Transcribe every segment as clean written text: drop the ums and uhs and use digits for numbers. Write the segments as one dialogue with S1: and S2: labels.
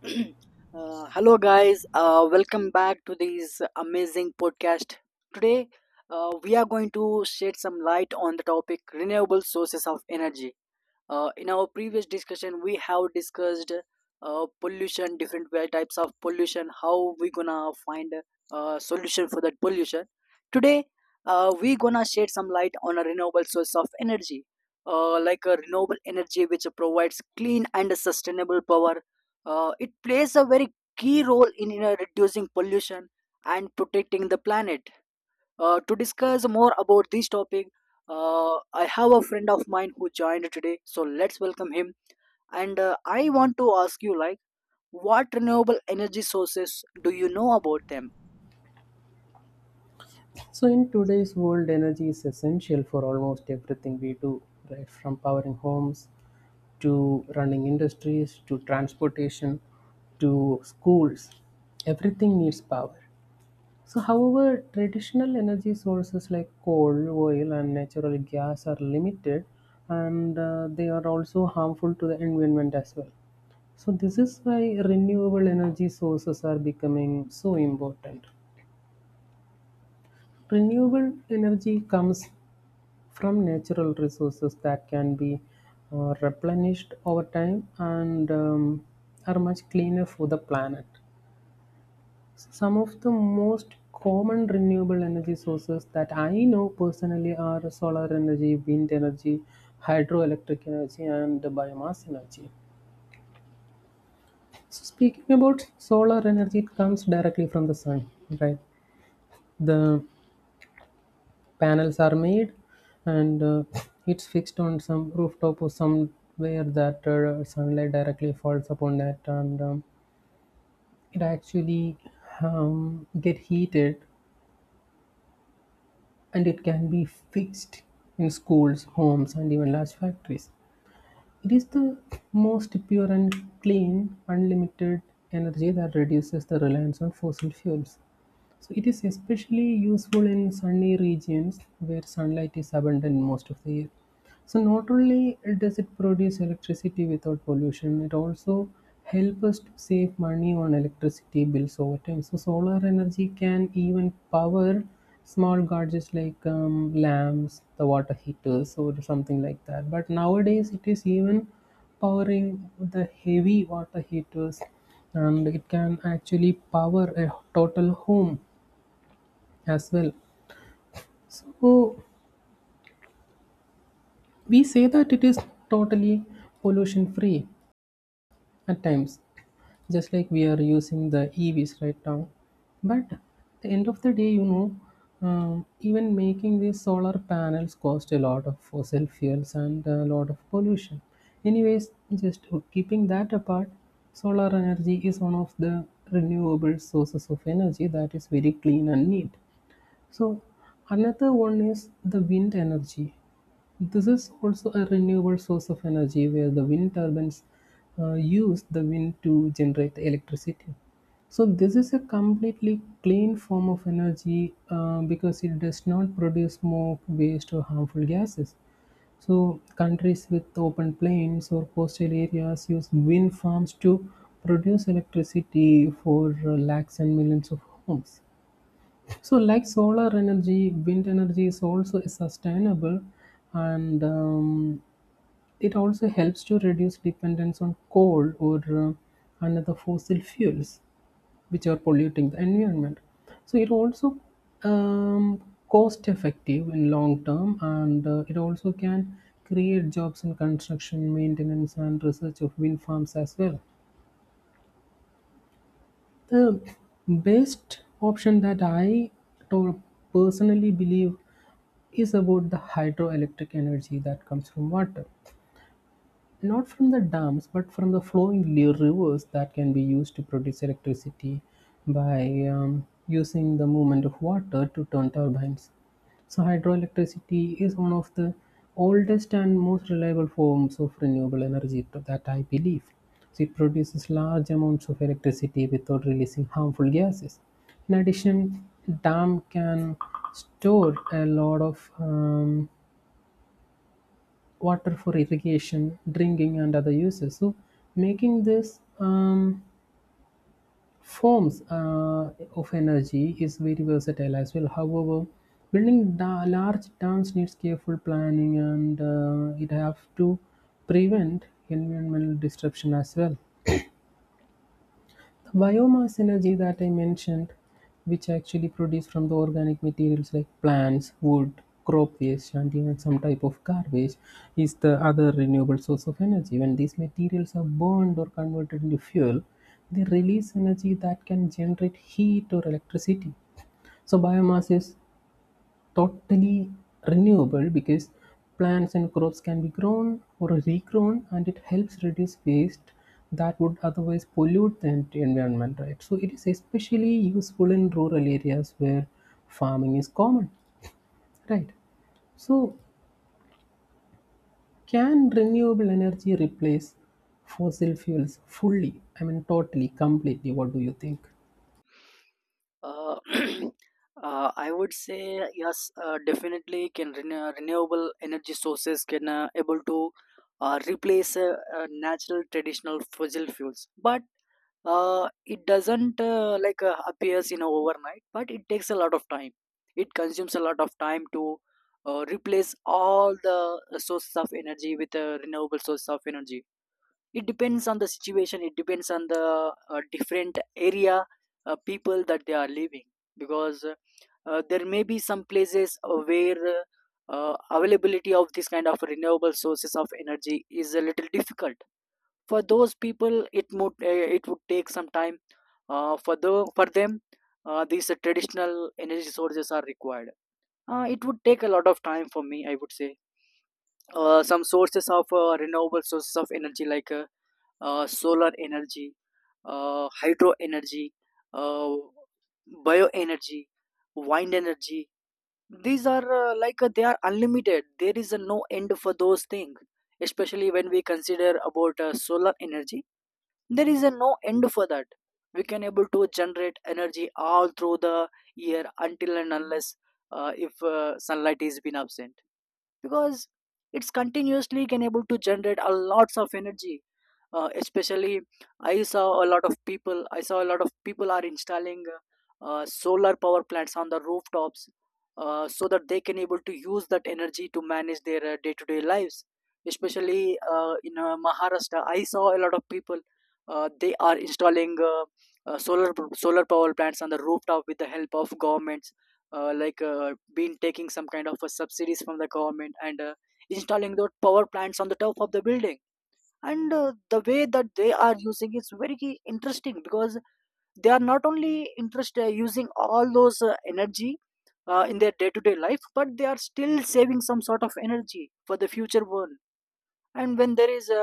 S1: Hello, guys. Welcome back to this amazing podcast. Today, we are going to shed some light on the topic renewable sources of energy. In our previous discussion, we have discussed pollution, types of pollution, how we gonna find a solution for that pollution. Today, we gonna shed some light on a renewable source of energy, like a renewable energy which provides clean and sustainable power. It plays a very key role in reducing pollution and protecting the planet. To discuss more about this topic, I have a friend of mine who joined today, so let's welcome him. And I want to ask you, like, what renewable energy sources do you know about them?
S2: So, in today's world, energy is essential for almost everything we do, right? From powering homes to running industries to transportation to schools, everything needs power. So, however, traditional energy sources like coal, oil, and natural gas are limited and they are also harmful to the environment as well. So, this is why renewable energy sources are becoming so important. Renewable energy comes from natural resources that can be replenished over time and are much cleaner for the planet. So some of the most common renewable energy sources that I know personally are solar energy, wind energy, hydroelectric energy, and biomass energy. So, speaking about solar energy, it comes directly from the sun, right? The panels are made and it's fixed on some rooftop or somewhere that sunlight directly falls upon that, and it actually get heated, and it can be fixed in schools, homes, and even large factories. It is the most pure and clean unlimited energy that reduces the reliance on fossil fuels. So it is especially useful in sunny regions where sunlight is abundant most of the year. So not only does it produce electricity without pollution, it also helps us to save money on electricity bills over time. So solar energy can even power small gadgets like lamps, the water heaters, or something like that. But nowadays it is even powering the heavy water heaters, and it can actually power a total home as well. So we say that it is totally pollution free at times, just like we are using the EVs right now. But at the end of the day, even making these solar panels cost a lot of fossil fuels and a lot of pollution. Anyways, just keeping that apart, solar energy is one of the renewable sources of energy that is very clean and neat. So, another one is the wind energy. This is also a renewable source of energy where the wind turbines use the wind to generate electricity. So, this is a completely clean form of energy because it does not produce smoke, waste, or harmful gases. So, countries with open plains or coastal areas use wind farms to produce electricity for lakhs and millions of homes. So, like solar energy, wind energy is also sustainable, and it also helps to reduce dependence on coal or another fossil fuels, which are polluting the environment. So, it also um, cost effective in long term, and it also can create jobs in construction, maintenance, and research of wind farms as well. The best option that to- personally believe is about the hydroelectric energy that comes from water, not from the dams but from the flowing rivers that can be used to produce electricity by using the movement of water to turn turbines. So, hydroelectricity is one of the oldest and most reliable forms of renewable energy to that I believe. So, it produces large amounts of electricity without releasing harmful gases. In addition, dam can store a lot of water for irrigation, drinking, and other uses. So, making this forms of energy is very versatile as well. However, building large dams needs careful planning, and it have to prevent environmental disruption as well. The biomass energy that I mentioned, which actually produced from the organic materials like plants, wood, crop waste, and even some type of garbage, is the other renewable source of energy. When these materials are burned or converted into fuel, they release energy that can generate heat or electricity. So, biomass is totally renewable because plants and crops can be grown or regrown, and it helps reduce waste that would otherwise pollute the environment, right? So it is especially useful in rural areas where farming is common, right? So, can renewable energy replace fossil fuels fully? I mean, totally, completely. What do you think?
S1: uh, I would say yes, definitely. Can renewable energy sources can able to replace natural traditional fossil fuels, but it doesn't like appears overnight. But it takes a lot of time. It consumes a lot of time to replace all the sources of energy with a renewable source of energy. It depends on the situation. It depends on the different area, people that they are living, because there may be some places where availability of this kind of renewable sources of energy is a little difficult for those people. It would take some time, for them, these traditional energy sources are required. It would take a lot of time, for me I would say. Some sources of renewable sources of energy like solar energy, hydro energy, uh, bioenergy, wind energy. These are like they are unlimited. There is no end for those things. Especially when we consider about solar energy, there is no end for that. We can able to generate energy all through the year, until and unless if sunlight is been absent, because it's continuously can able to generate a lots of energy. Especially, I saw a lot of people are installing solar power plants on the rooftops, so that they can able to use that energy to manage their day-to-day lives. Especially in Maharashtra, I saw a lot of people. They are installing uh, solar solar power plants on the rooftop with the help of governments, like been taking some kind of subsidies from the government and installing those power plants on the top of the building. And the way that they are using is very interesting, because they are not only interested using all those energy in their day-to-day life, but they are still saving some sort of energy for the future one. And when there is a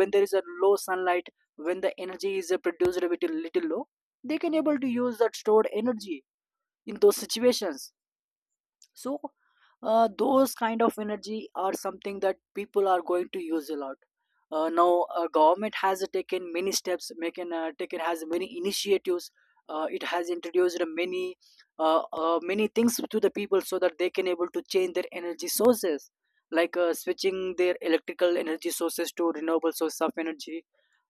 S1: when there is a low sunlight, when the energy is produced a little low, they can able to use that stored energy in those situations. So those kind of energy are something that people are going to use a lot. Now government has taken many steps, making taken has many initiatives. It has introduced many things to the people so that they can able to change their energy sources, like switching their electrical energy sources to renewable source of energy,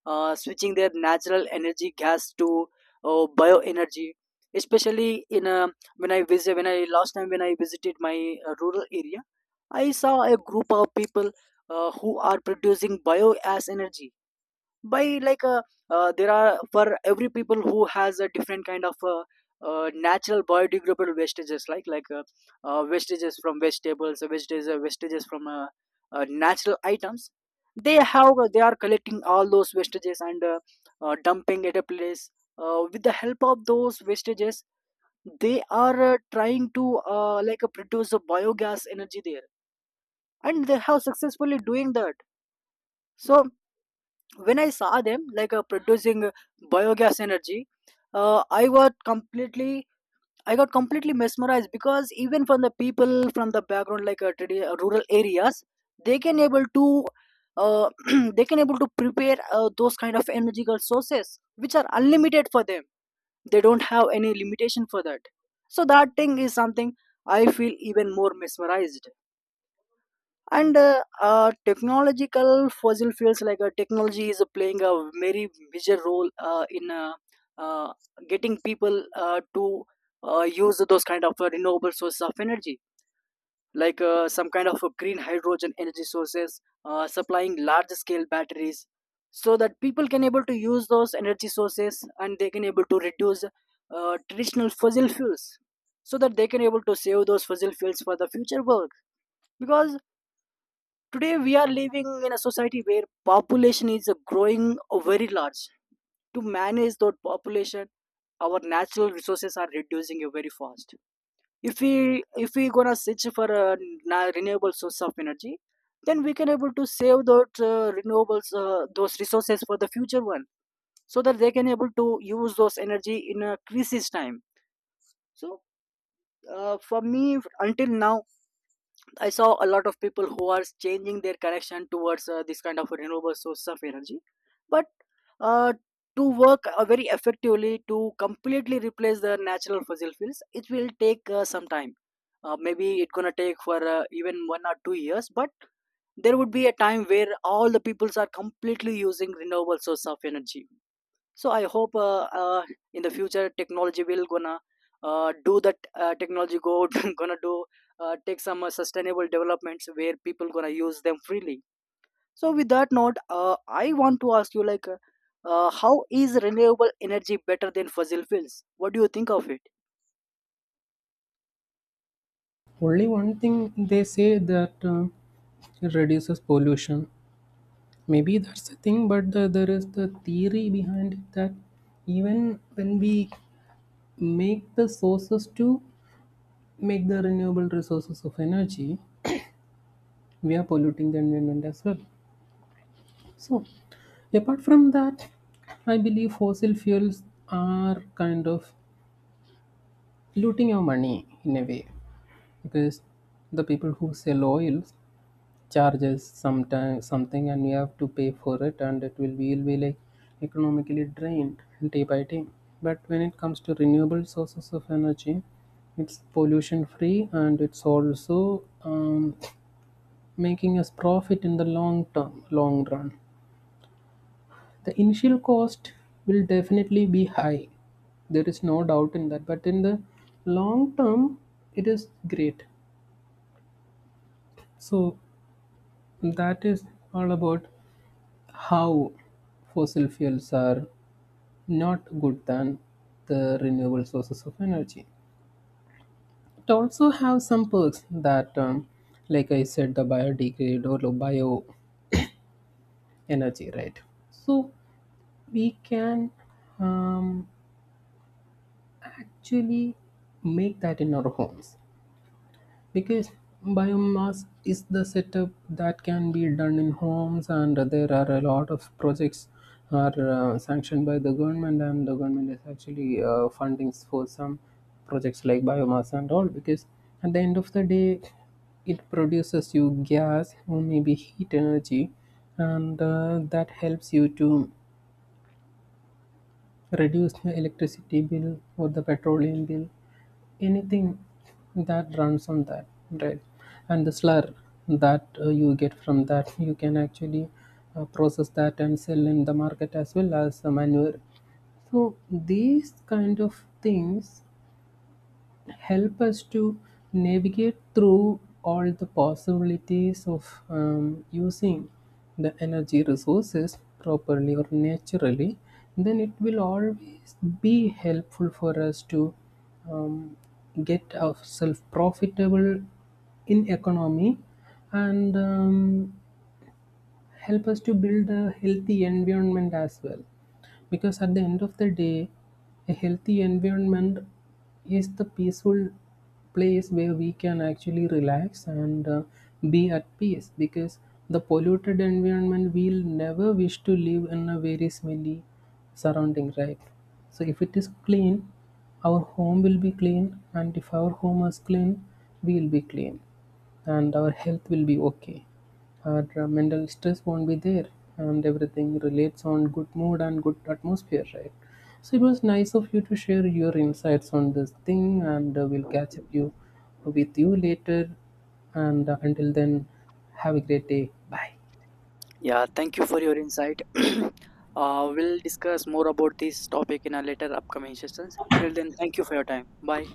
S1: switching their natural energy gas to bioenergy. Especially in when I visited my rural area, I saw a group of people who are producing biogas energy by there are for every people who has a different kind of natural biodegradable wastages, wastages from vegetables, wastages from natural items. They are collecting all those wastages and dumping at a place. With the help of those wastages, they are trying to like produce a biogas energy there, and they have successfully doing that. So when I saw them like producing biogas energy, uh, I got completely I got completely mesmerized, because even from the people from the background, like rural areas, they can able to uh, they can able to prepare those kind of energy sources which are unlimited for them. They don't have any limitation for that. So that thing is something I feel even more mesmerized. And technological fossil fuels like technology is playing a very major role in uh, getting people to use those kind of renewable sources of energy, like some kind of green hydrogen energy sources, supplying large scale batteries, so that people can able to use those energy sources and they can able to reduce traditional fossil fuels, so that they can able to save those fossil fuels for the future work. Because today we are living in a society where population is growing very large. To manage that population, our natural resources are reducing very fast. If we gonna search for a renewable source of energy, then we can able to save those renewables those resources for the future one, so that they can able to use those energy in a crisis time. So for me, until now, I saw a lot of people who are changing their connection towards this kind of renewable source of energy. But uh, to work very effectively to completely replace the natural fossil fuels, it will take some time. Maybe it's gonna take for even 1 or 2 years, but there would be a time where all the peoples are completely using renewable source of energy. So I hope, in the future, technology will gonna do that. Technology go gonna do take some sustainable developments where people gonna use them freely. So with that note, I want to ask you, like, how is renewable energy better than fossil fuels? What do you think of it?
S2: Only one thing they say that it reduces pollution. Maybe that's the thing, but there is the theory behind it that even when we make the sources to make the renewable resources of energy, we are polluting the environment as well. So, apart from that, I believe fossil fuels are kind of looting our money in a way, because the people who sell oils charges sometime something, and you have to pay for it, and it will be, you'll be like economically drained day by day. But when it comes to renewable sources of energy, it's pollution free, and it's also making us profit in the long term, long run. The initial cost will definitely be high, there is no doubt in that, but in the long term it is great. So that is all about how fossil fuels are not good than the renewable sources of energy. It also have some perks that, like I said, the biodegrade or bio energy, right? So we can um, actually make that in our homes. Because biomass is the setup that can be done in homes, and there are a lot of projects are sanctioned by the government, and the government is actually funding for some projects like biomass and all. Because at the end of the day, it produces you gas or maybe heat energy, and that helps you to reduce your electricity bill or the petroleum bill, anything that runs on that, right? And the slur that you get from that, you can actually process that and sell in the market as well as the manure. So these kind of things help us to navigate through all the possibilities of using the energy resources properly or naturally, then it will always be helpful for us to um, get ourselves profitable in economy, and help us to build a healthy environment as well. Because at the end of the day, a healthy environment is the peaceful place where we can actually relax and be at peace, because the polluted environment, we'll never wish to live in a very smelly surrounding, right? So if it is clean, our home will be clean, and if our home is clean, we'll be clean, and our health will be okay, our mental stress won't be there, and everything relates on good mood and good atmosphere, right? So it was nice of you to share your insights on this thing, and we'll catch up you with you later. And until then, have a great day. Bye.
S1: Yeah, thank you for your insight. We'll discuss more about this topic in our later upcoming sessions. Till then, thank you for your time. Bye.